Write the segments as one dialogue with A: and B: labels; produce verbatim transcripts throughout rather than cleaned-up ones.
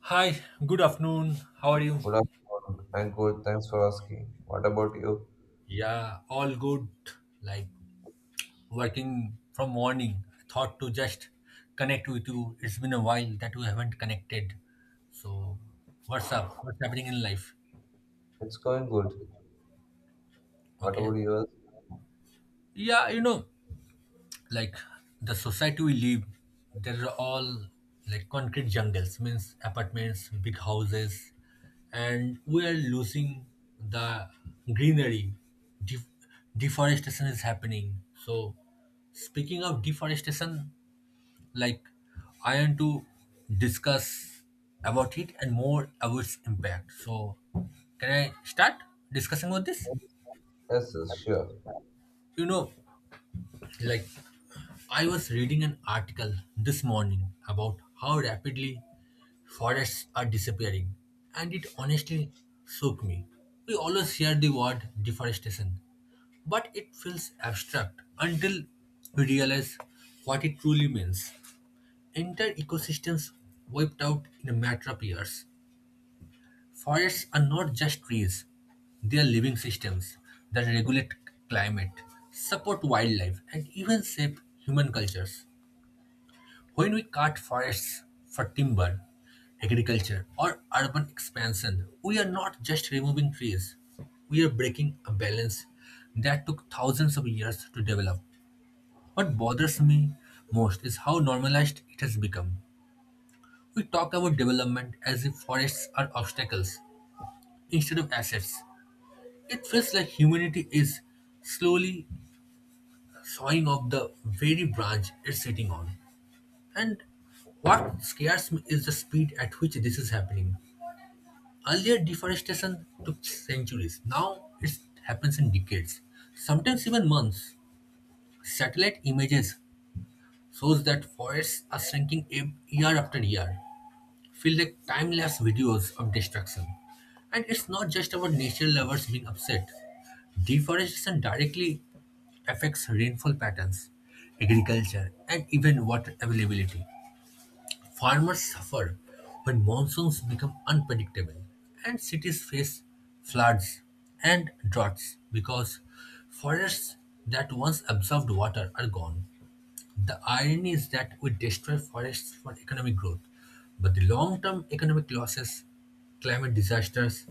A: Hi, good afternoon. How are you?
B: Good afternoon. I'm good. Thanks for asking. What about you?
A: Yeah, all good. Like Working from morning, I thought to just connect with you. It's been a while that we haven't connected. So, what's up? What's happening in life?
B: It's going good. What about
A: Okay.
B: yours?
A: Yeah, you know, like the society we live, there are all like concrete jungles, means apartments, big houses, and we are losing the greenery. Def- Deforestation is happening, so speaking of deforestation, like I want to discuss about it and more about its impact. So can I start discussing about this?
B: Yes, yes, sure.
A: you know Like, I was reading an article this morning about how rapidly forests are disappearing, and it honestly shook me. We always hear the word deforestation, but it feels abstract until we realize what it truly means. Entire ecosystems wiped out in a matter of years. Forests are not just trees, they are living systems that regulate climate, support wildlife, and even shape human cultures. When we cut forests for timber, agriculture, or urban expansion, we are not just removing trees, we are breaking a balance that took thousands of years to develop. What bothers me most is how normalized it has become. We talk about development as if forests are obstacles instead of assets. It feels like humanity is slowly sawing off the very branch it's sitting on. And what scares me is the speed at which this is happening. Earlier, deforestation took centuries. Now it happens in decades, sometimes even months. Satellite images shows that forests are shrinking ev- year after year. Feel like time-lapse videos of destruction. And it's not just about nature lovers being upset. Deforestation directly affects rainfall patterns, agriculture, and even water availability. Farmers suffer when monsoons become unpredictable, and cities face floods and droughts because forests that once absorbed water are gone. The irony is that we destroy forests for economic growth, but the long term economic losses, climate disasters,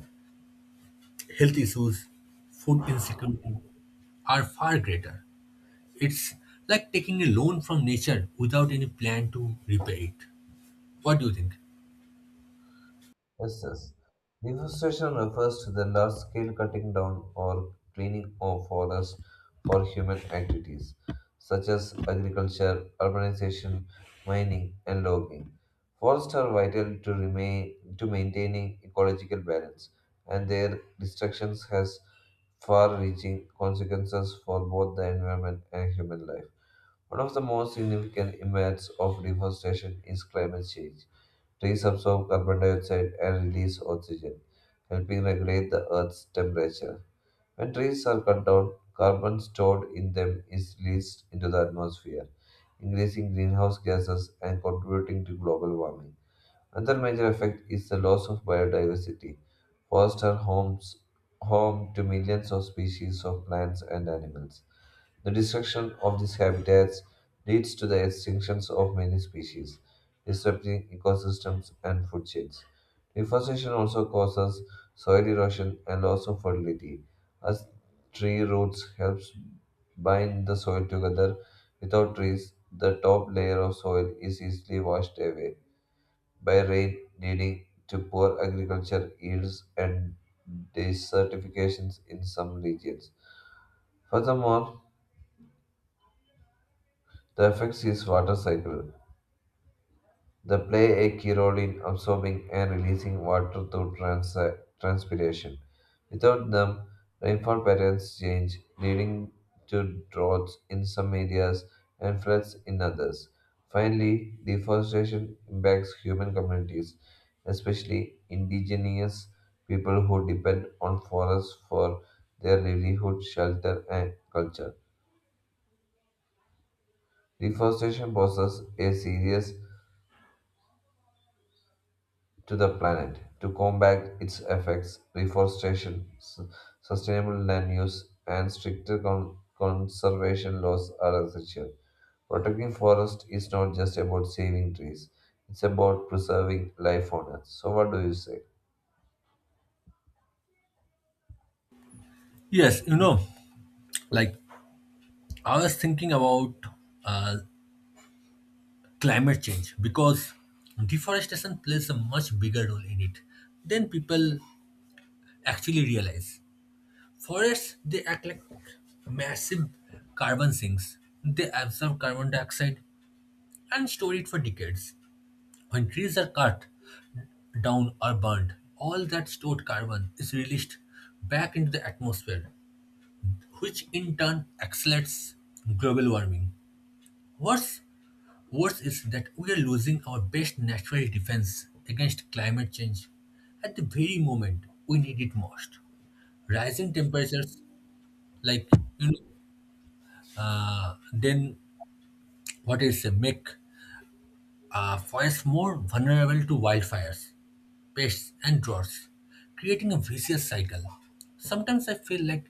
A: health issues, food insecurity are far greater. It's like taking a loan from nature without any plan to repay it. What do you think?
B: Yes, yes. Deforestation refers to the large scale cutting down or cleaning of forests for human activities such as agriculture, urbanization, mining, and logging. Forests are vital to remain to maintaining ecological balance, and their destruction has far reaching consequences for both the environment and human life. One of the most significant impacts of deforestation is climate change. Trees absorb carbon dioxide and release oxygen, helping regulate the Earth's temperature. When trees are cut down, carbon stored in them is released into the atmosphere, increasing greenhouse gases and contributing to global warming. Another major effect is the loss of biodiversity. Forests are homes, home to millions of species of plants and animals. The destruction of these habitats leads to the extinctions of many species, disrupting ecosystems and food chains. Deforestation also causes soil erosion and loss of fertility, as tree roots helps bind the soil together. Without trees, the top layer of soil is easily washed away by rain, leading to poor agriculture yields and desertifications in some regions. Furthermore, the effects is water cycle. They play a key role in absorbing and releasing water through trans- transpiration. Without them, rainfall patterns change, leading to droughts in some areas and floods in others. Finally, deforestation impacts human communities, especially indigenous people who depend on forests for their livelihood, shelter, and culture. Deforestation poses a serious to the planet. To combat its effects, reforestation, su- sustainable land use, and stricter con- conservation laws are essential. Protecting forest is not just about saving trees, it's about preserving life on earth. So, what do you say?
A: Yes, you know, like I was thinking about uh, climate change, because deforestation plays a much bigger role in it than people actually realize. Forests, they act like massive carbon sinks. They absorb carbon dioxide and store it for decades. When trees are cut down or burned, all that stored carbon is released back into the atmosphere, which in turn accelerates global warming. What's worse is that we are losing our best natural defense against climate change at the very moment we need it most. Rising temperatures, like you know, Uh, then what is a make uh, forests more vulnerable to wildfires, pests, and droughts, creating a vicious cycle. Sometimes I feel like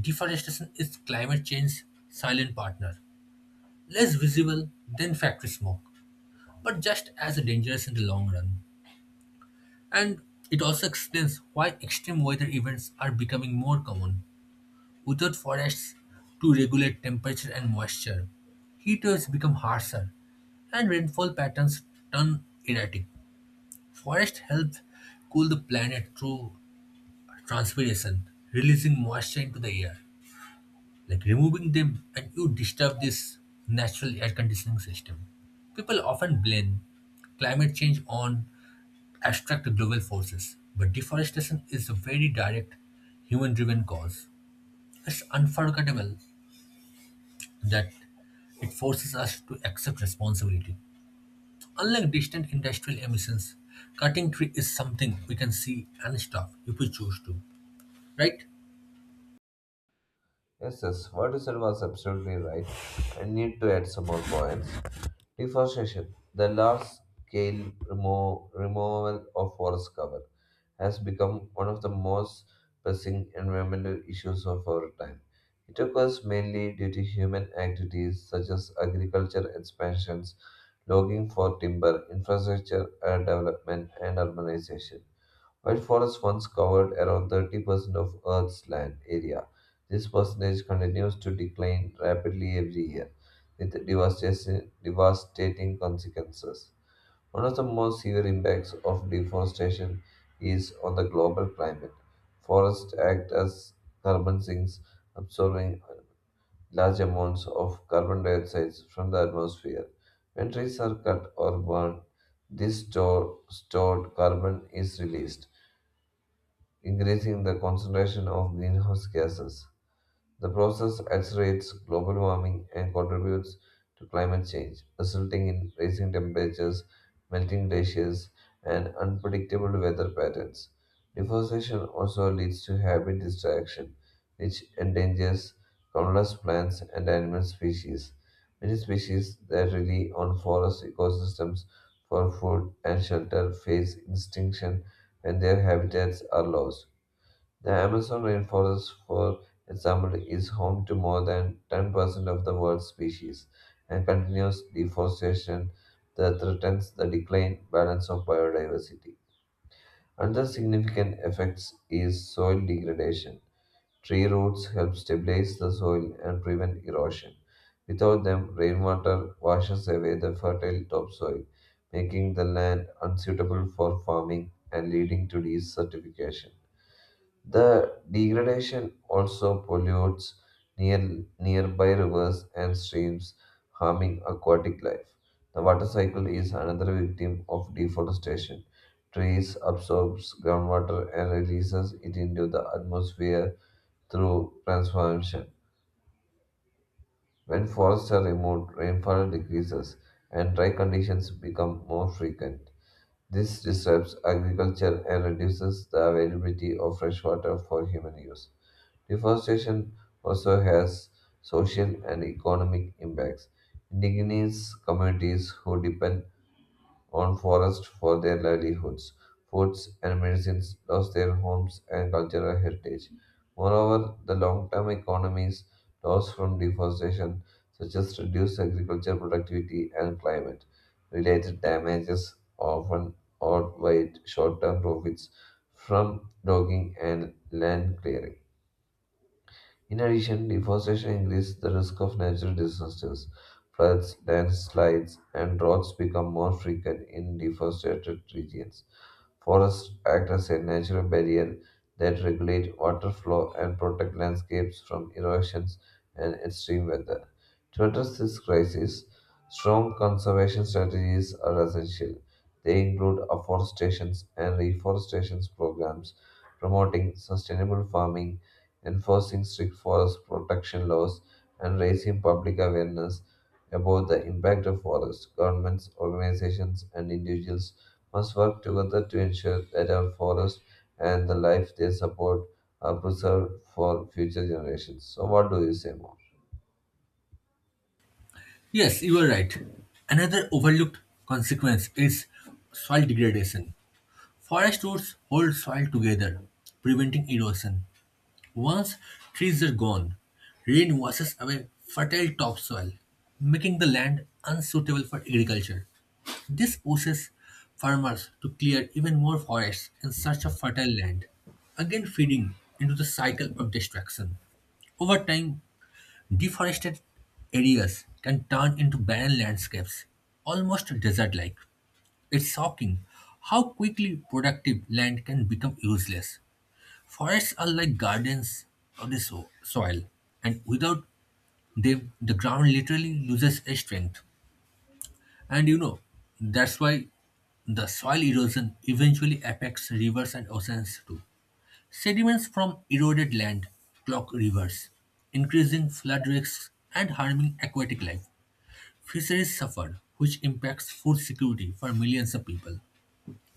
A: deforestation is climate change's silent partner, less visible than factory smoke, but just as dangerous in the long run. And it also explains why extreme weather events are becoming more common. Without forests to regulate temperature and moisture, heat waves become harsher and rainfall patterns turn erratic. Forests help cool the planet through transpiration, releasing moisture into the air. Like removing them and you disturb this natural air conditioning system. People often blame climate change on abstract global forces, but deforestation is a very direct human driven cause. It's unforgettable that it forces us to accept responsibility. So, unlike distant industrial emissions, cutting tree is something we can see and stop if we choose to, right?
B: Yes, yes, what you said was absolutely right. I need to add some more points. Deforestation, the large scale remo- removal of forest cover, has become one of the most pressing environmental issues of our time. It occurs mainly due to human activities such as agriculture expansions, logging for timber, infrastructure uh, development, and urbanization. While forests once covered around thirty percent of Earth's land area, this percentage continues to decline rapidly every year, with devastation- devastating consequences. One of the most severe impacts of deforestation is on the global climate. Forests act as carbon sinks, absorbing large amounts of carbon dioxide from the atmosphere. When trees are cut or burned, this store, stored carbon is released, increasing the concentration of greenhouse gases. The process accelerates global warming and contributes to climate change, resulting in rising temperatures, melting glaciers, and unpredictable weather patterns. Deforestation also leads to habitat destruction, which endangers countless plants and animal species. Many species that rely on forest ecosystems for food and shelter face extinction when their habitats are lost. The Amazon rainforest, for example, is home to more than ten percent of the world's species, and continuous deforestation that threatens the decline balance of biodiversity. Another significant effect is soil degradation. Tree roots help stabilize the soil and prevent erosion. Without them, rainwater washes away the fertile topsoil, making the land unsuitable for farming and leading to desertification. The degradation also pollutes near, nearby rivers and streams, harming aquatic life. The water cycle is another victim of deforestation. Trees absorbs groundwater and releases it into the atmosphere through transformation. When forests are removed, rainfall decreases and dry conditions become more frequent. This disrupts agriculture and reduces the availability of fresh water for human use. Deforestation also has social and economic impacts. Indigenous communities who depend on forests for their livelihoods, foods, and medicines lost their homes and cultural heritage. Moreover, the long term economies lost from deforestation, such as reduced agricultural productivity and climate related damages, often outweigh short term profits from logging and land clearing. In addition, deforestation increases the risk of natural disasters. Floods, landslides, and droughts become more frequent in deforested regions. Forests act as a natural barrier that regulate water flow and protect landscapes from erosions and extreme weather. To address this crisis, strong conservation strategies are essential. They include afforestation and reforestation programs, promoting sustainable farming, enforcing strict forest protection laws, and raising public awareness about the impact of forests. Governments, organizations, and individuals must work together to ensure that our forests and the life they support are preserved for future generations. So, what do you say more?
A: Yes, you are right. Another overlooked consequence is soil degradation. Forest roots hold soil together, preventing erosion. Once trees are gone, rain washes away fertile topsoil, making the land unsuitable for agriculture. This pushes farmers to clear even more forests in search of fertile land, again feeding into the cycle of destruction. Over time, deforested areas can turn into barren landscapes, almost desert like. It's shocking how quickly productive land can become useless. Forests are like gardens of the so- soil, and without them, the ground literally loses its strength. And you know, that's why the soil erosion eventually affects rivers and oceans too. Sediments from eroded land clog rivers, increasing flood risks and harming aquatic life. Fisheries suffer, which impacts food security for millions of people.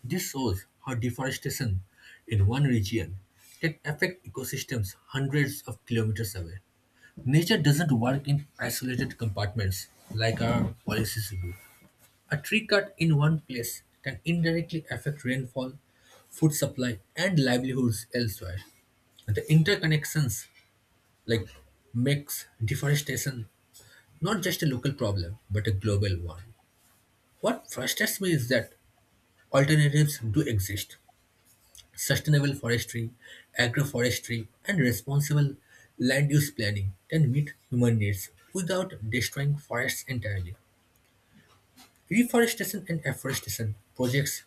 A: This shows how deforestation in one region can affect ecosystems hundreds of kilometers away. Nature doesn't work in isolated compartments like our policies do. A tree cut in one place can indirectly affect rainfall, food supply, and livelihoods elsewhere. The interconnections like makes deforestation not just a local problem but a global one. What frustrates me is that alternatives do exist. Sustainable forestry, agroforestry, and responsible land use planning can meet human needs without destroying forests entirely. Reforestation and afforestation projects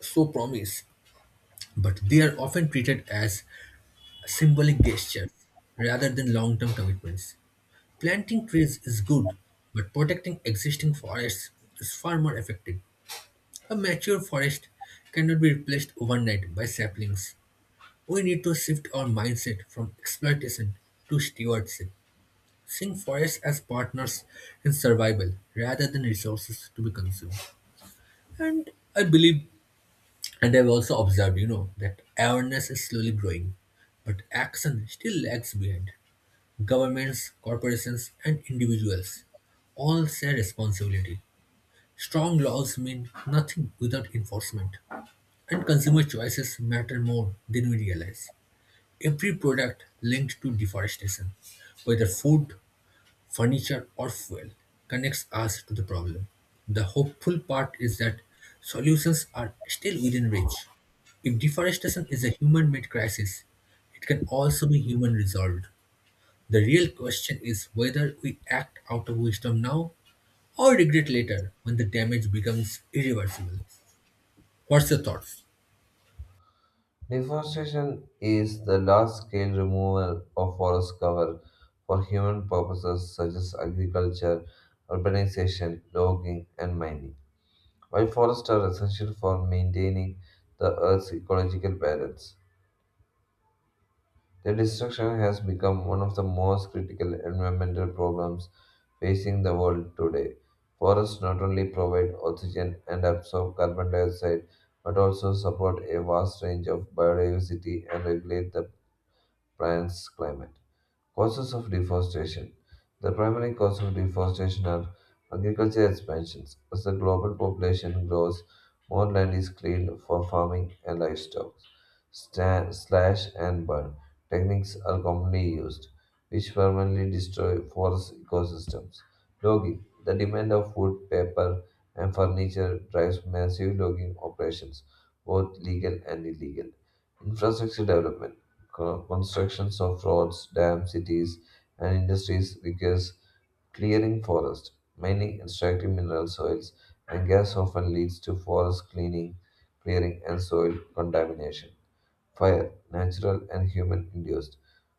A: show promise, but they are often treated as symbolic gestures rather than long term commitments. Planting trees is good, but protecting existing forests is far more effective. A mature forest cannot be replaced overnight by saplings. We need to shift our mindset from exploitation to stewardship, seeing forests as partners in survival rather than resources to be consumed. And I believe And I've also observed, you know, that awareness is slowly growing, but action still lags behind. Governments, corporations, and individuals all share responsibility. Strong laws mean nothing without enforcement, and consumer choices matter more than we realize. Every product linked to deforestation, whether food, furniture, or fuel, connects us to the problem. The hopeful part is that solutions are still within reach. If deforestation is a human made crisis, it can also be human resolved. The real question is whether we act out of wisdom now or regret later when the damage becomes irreversible. What's your thoughts?
B: Deforestation is the large scale removal of forest cover for human purposes such as agriculture, urbanization, logging, and mining. While forests are essential for maintaining the Earth's ecological balance, their destruction has become one of the most critical environmental problems facing the world today. Forests not only provide oxygen and absorb carbon dioxide but also support a vast range of biodiversity and regulate the plants climate. Causes of deforestation. The primary cause of deforestation are agriculture expansions. As the global population grows, more land is cleared for farming and livestock. Sta- slash and burn techniques are commonly used, which permanently destroy forest ecosystems. Logging. The demand of wood, paper, and furniture drives massive logging operations, both legal and illegal. Infrastructure development, co- constructions of roads, dams, cities, and industries requires clearing forest, mining, extracting mineral soils, and gas often leads to forest cleaning, clearing, and soil contamination. Fire, natural and human induced.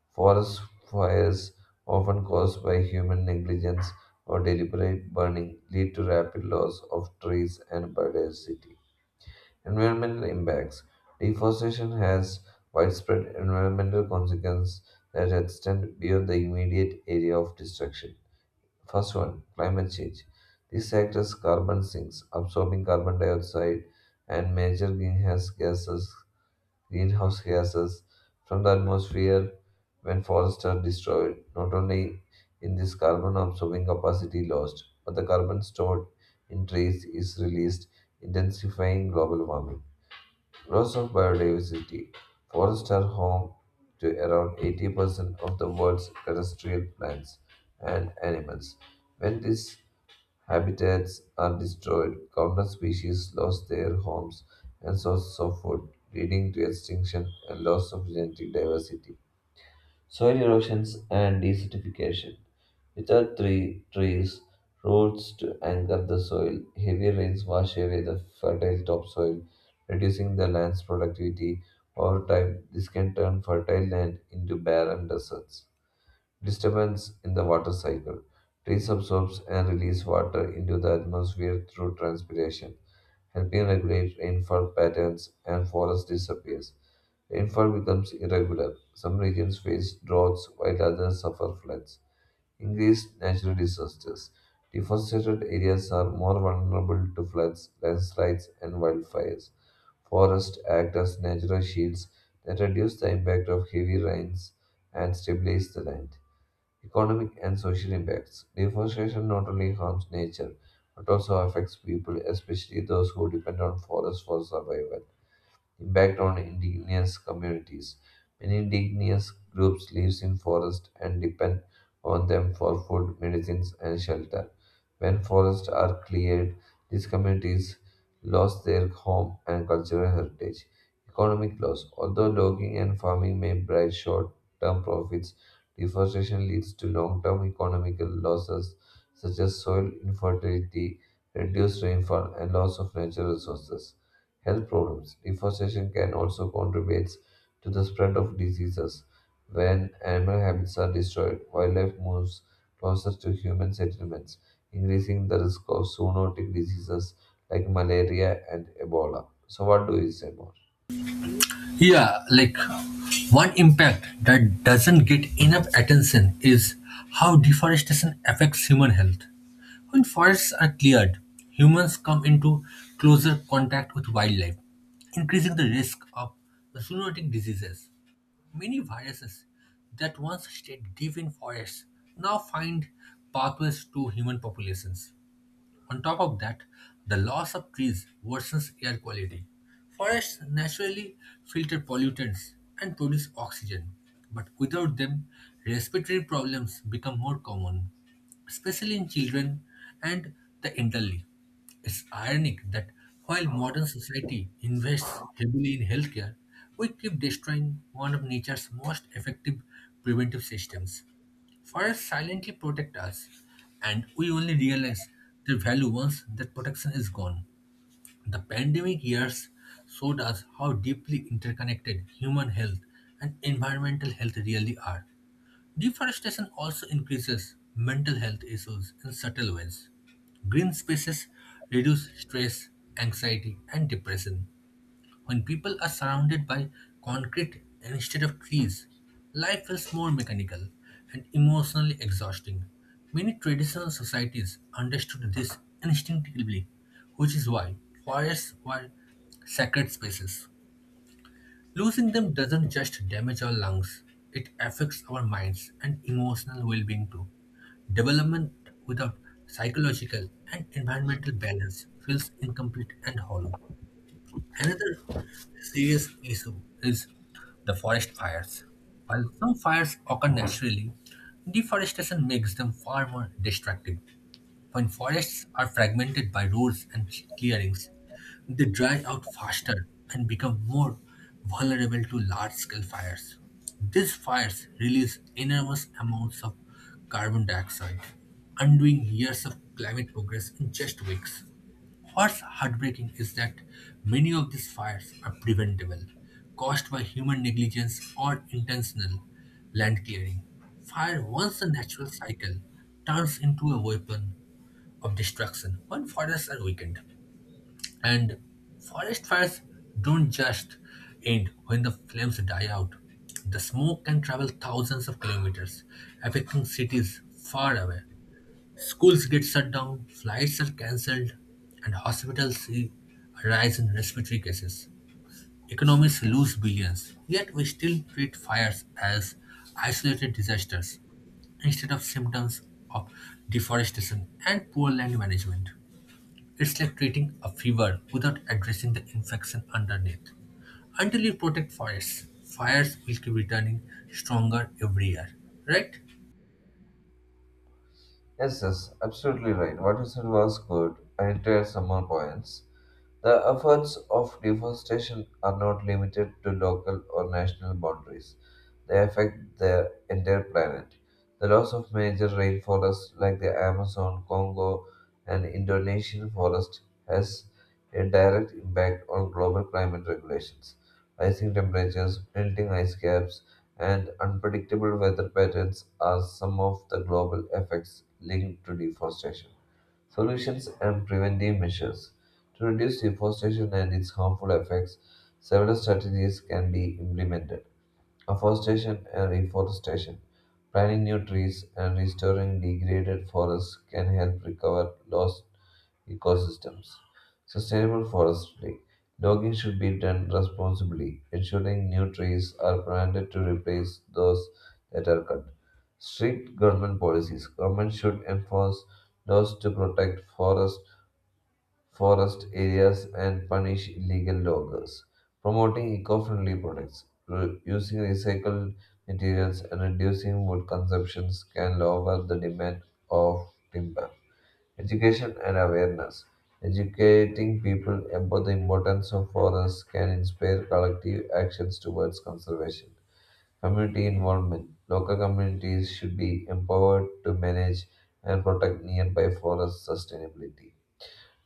B: Forest fires, often caused by human negligence or deliberate burning, lead to rapid loss of trees and biodiversity. Environmental impacts. Deforestation has widespread environmental consequences that extend beyond the immediate area of destruction. First one, climate change. This acts as carbon sinks, absorbing carbon dioxide and major greenhouse gases, greenhouse gases from the atmosphere when forests are destroyed. Not only in this carbon absorbing capacity lost, but the carbon stored in trees is released, intensifying global warming. Loss of biodiversity. Forests are home to around eighty percent of the world's terrestrial plants and animals. When these habitats are destroyed, countless species lose their homes and sources of food, leading to extinction and loss of genetic diversity soil erosions and desertification. Without tree, trees, roots to anchor the soil, heavy rains wash away the fertile topsoil, reducing the land's productivity. Over time, this can turn fertile land into barren deserts disturbance in the water cycle. Trees absorb and release water into the atmosphere through transpiration, helping regulate rainfall patterns and forest disappears. Rainfall becomes irregular. Some regions face droughts while others suffer floods. Increased natural disasters. Deforested areas are more vulnerable to floods, landslides, and wildfires. Forests act as natural shields that reduce the impact of heavy rains and stabilize the land. Economic and social impacts. Deforestation not only harms nature but also affects people, especially those who depend on forests for survival impact on indigenous communities. Many indigenous groups live in forests and depend on them for food, medicines, and shelter. When forests are cleared, these communities lost their home and cultural heritage. Economic loss. Although logging and farming may bring short-term profits, deforestation leads to long-term economical losses such as soil infertility, reduced rainfall, and loss of natural resources. Health problems. Deforestation can also contribute to the spread of diseases. When animal habits are destroyed, wildlife moves closer to human settlements, increasing the risk of zoonotic diseases like malaria and Ebola. So, what do you say more?
A: Yeah, like one impact that doesn't get enough attention is how deforestation affects human health. When forests are cleared, humans come into closer contact with wildlife, increasing the risk of zoonotic diseases. Many viruses that once stayed deep in forests now find pathways to human populations. On top of that, the loss of trees worsens air quality. Forests naturally filter pollutants and produce oxygen, but without them, respiratory problems become more common, especially in children and the elderly. It's ironic that while modern society invests heavily in healthcare, we keep destroying one of nature's most effective preventive systems. Forests silently protect us, and we only realize their value once that protection is gone. The pandemic years showed us how deeply interconnected human health and environmental health really are. Deforestation also increases mental health issues in subtle ways. Green spaces reduce stress, anxiety, and depression. When people are surrounded by concrete instead of trees, life feels more mechanical and emotionally exhausting. Many traditional societies understood this instinctively, which is why forests were sacred spaces. Losing them doesn't just damage our lungs, it affects our minds and emotional well being too. Development without psychological and environmental balance feels incomplete and hollow. Another serious issue is the forest fires. While some fires occur naturally, deforestation makes them far more destructive. When forests are fragmented by roads and clearings, they dry out faster and become more vulnerable to large scale fires. These fires release enormous amounts of carbon dioxide, undoing years of climate progress in just weeks. What's heartbreaking is that many of these fires are preventable, caused by human negligence or intentional land clearing. Fire, once a natural cycle, turns into a weapon of destruction when forests are weakened. And forest fires don't just end when the flames die out. The smoke can travel thousands of kilometers, affecting cities far away. Schools get shut down, flights are cancelled, and hospitals see a rise in respiratory cases. Economies lose billions, yet we still treat fires as isolated disasters instead of symptoms of deforestation and poor land management. It's like treating a fever without addressing the infection underneath. Until you protect forests, fires will keep returning stronger every year, right?
B: Yes, yes, absolutely right. What you said was good. I reiterate some more points. The efforts of deforestation are not limited to local or national boundaries. They affect the entire planet. The loss of major rainforests like the Amazon, Congo, and Indonesian forests has a direct impact on global climate regulations. Rising temperatures, melting ice caps, and unpredictable weather patterns are some of the global effects linked to deforestation. Solutions and preventive measures. To reduce deforestation and its harmful effects, several strategies can be implemented. Afforestation and reforestation. Planting new trees and restoring degraded forests can help recover lost ecosystems. Sustainable forestry. Logging should be done responsibly, ensuring new trees are planted to replace those that are cut. Strict government policies. Government should enforce laws to protect forests forest areas and punish illegal loggers. Promoting eco friendly products, re- using recycled materials, and reducing wood consumptions can lower the demand of timber. Education and awareness. Educating people about the importance of forests can inspire collective actions towards conservation. Community involvement. Local communities should be empowered to manage and protect nearby forests sustainably.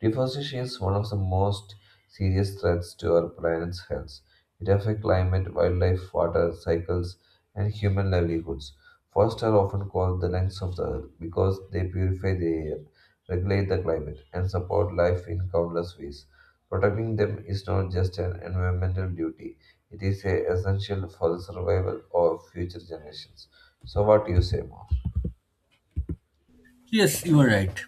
B: Deforestation is one of the most serious threats to our planet's health. It affects climate, wildlife, water cycles, and human livelihoods. Forests are often called the lungs of the earth because they purify the air, regulate the climate, and support life in countless ways. Protecting them is not just an environmental duty, it is a essential for the survival of future generations. So, what do you say more?
A: Yes, you are right.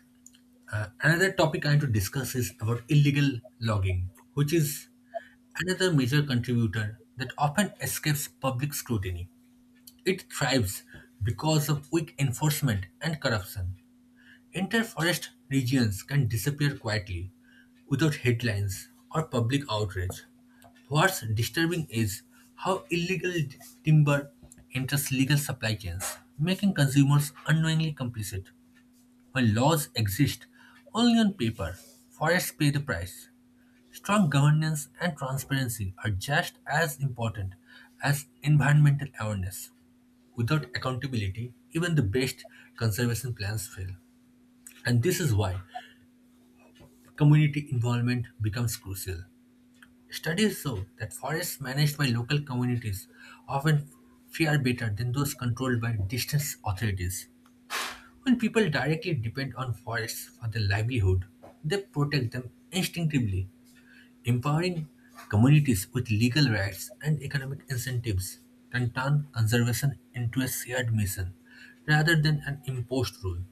A: Uh, another topic I want to discuss is about illegal logging, which is another major contributor that often escapes public scrutiny. It thrives because of weak enforcement and corruption. Entire forest regions can disappear quietly, without headlines or public outrage. What's disturbing is how illegal d- timber enters legal supply chains, making consumers unknowingly complicit. When laws exist only on paper, forests pay the price. Strong governance and transparency are just as important as environmental awareness. Without accountability, even the best conservation plans fail. And this is why community involvement becomes crucial. Studies show that forests managed by local communities often fare better than those controlled by distance authorities. When people directly depend on forests for their livelihood, they protect them instinctively. Empowering communities with legal rights and economic incentives can turn conservation into a shared mission rather than an imposed rule.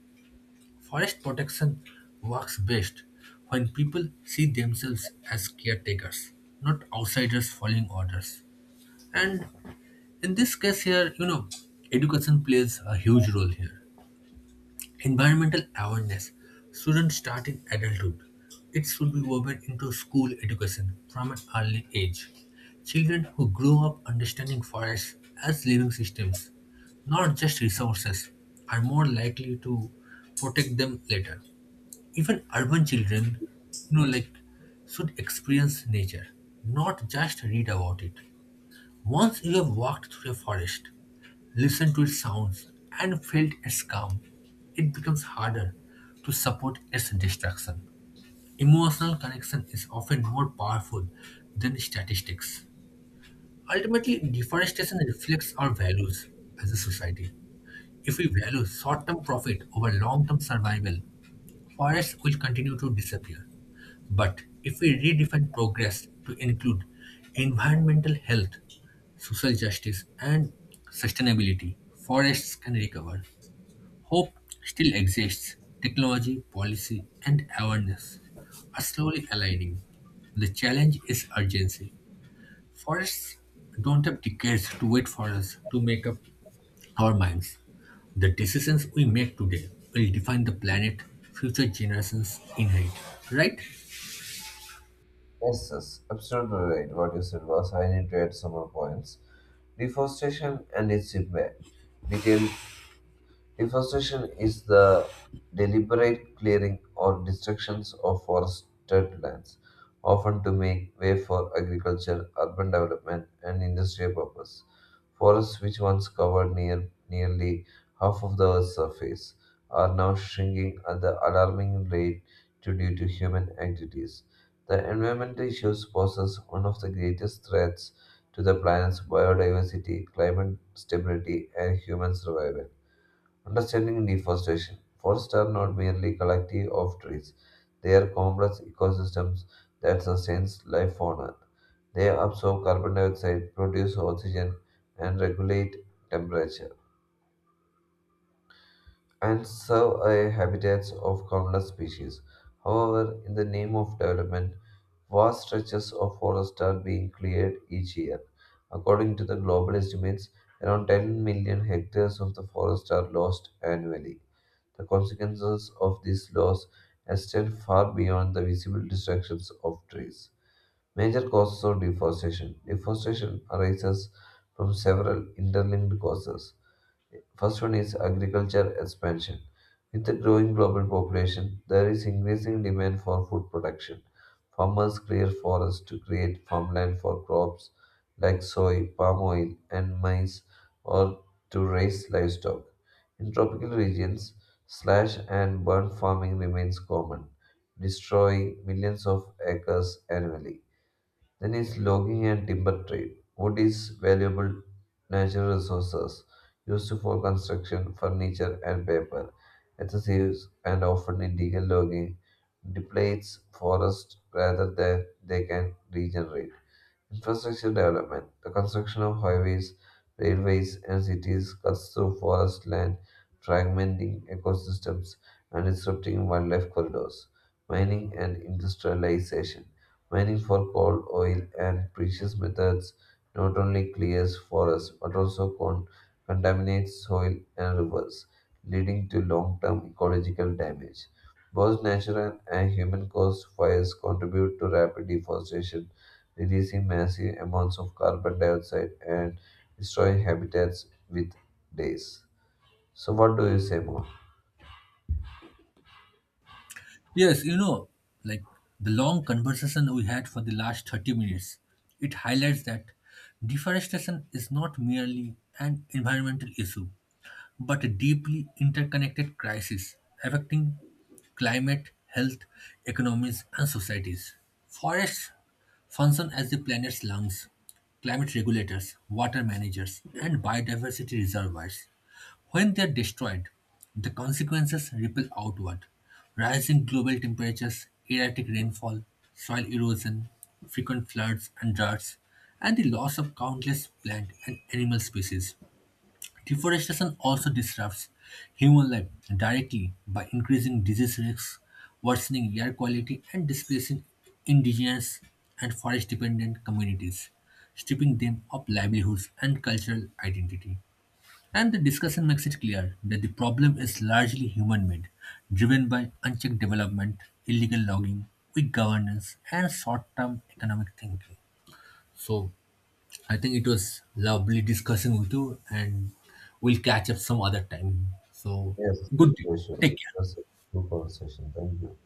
A: Forest protection works best when people see themselves as caretakers, not outsiders following orders. And in this case here, you know, education plays a huge role here. Environmental awareness shouldn't start in adulthood. It should be woven into school education from an early age. Children who grow up understanding forests as living systems, not just resources, are more likely to protect them later. Even urban children, you know, like should experience nature, not just read about it. Once you have walked through a forest, listened to its sounds, and felt its calm, it becomes harder to support its destruction. Emotional connection is often more powerful than statistics. Ultimately, deforestation reflects our values as a society. If we value short term profit over long term survival, forests will continue to disappear. But if we redefine progress to include environmental health, social justice, and sustainability, forests can recover. Hope still exists. Technology, policy, and awareness are slowly aligning. The challenge is urgency. Forests don't have decades to wait for us to make up our minds. The decisions we make today will define the planet future generations inherit, right?
B: Yes, yes, absolutely right. What you said was I need to add some more points. Deforestation and its impact. Detailed deforestation is the deliberate clearing or destructions of forested lands, often to make way for agriculture, urban development, and industrial purpose. Forests, which once covered near, nearly half of the Earth's surface, are now shrinking at the alarming rate to- due to human activities. The environmental issues poses one of the greatest threats to the planet's biodiversity, climate stability, and human survival. Understanding deforestation. Forests are not merely collective of trees. They are complex ecosystems that sustain life on Earth. They absorb carbon dioxide, produce oxygen, and regulate temperature and serve a habitats of countless species. However, in the name of development, vast stretches of forest are being cleared each year. According to the global estimates, around ten million hectares of the forest are lost annually. The consequences of this loss extend far beyond the visible destructions of trees. Major causes of deforestation. Deforestation arises from several interlinked causes. First one is agriculture expansion. With the growing global population, there is increasing demand for food production. Farmers clear forests to create farmland for crops like soy, palm oil, and maize, or to raise livestock. In tropical regions, slash and burn farming remains common, destroying millions of acres annually. Then is logging and timber trade. Wood is valuable natural resources used for construction, furniture, and paper. Excessive and often illegal logging depletes forests rather than they can regenerate. Infrastructure development, the construction of highways, railways, and cities cuts through forest land, fragmenting ecosystems and disrupting wildlife corridors. Mining and industrialization, mining for coal, oil, and precious metals not only clears forests but also con- contaminates soil and rivers, leading to long-term ecological damage. Both natural and human caused fires contribute to rapid deforestation releasing massive amounts of carbon dioxide and destroying habitats with days. So, what do you say more?
A: Yes, you know, like the long conversation we had for the last thirty minutes, it highlights that deforestation is not merely an environmental issue but a deeply interconnected crisis affecting climate, health, economies, and societies. Forests function as the planet's lungs, climate regulators, water managers, and biodiversity reservoirs. When they are destroyed, the consequences ripple outward. Rising global temperatures, erratic rainfall, soil erosion, frequent floods and droughts, and the loss of countless plant and animal species. Deforestation also disrupts human life directly by increasing disease risks, worsening air quality, and displacing indigenous and forest dependent communities, stripping them of livelihoods and cultural identity. And the discussion makes it clear that the problem is largely human made, driven by unchecked development, illegal logging, weak governance, and short term economic thinking. So, I think it was lovely discussing with you, and we'll catch up some other time. So,
B: Yes,
A: good day.
B: sure, sure.
A: Take care.
B: That's a good conversation. Thank you.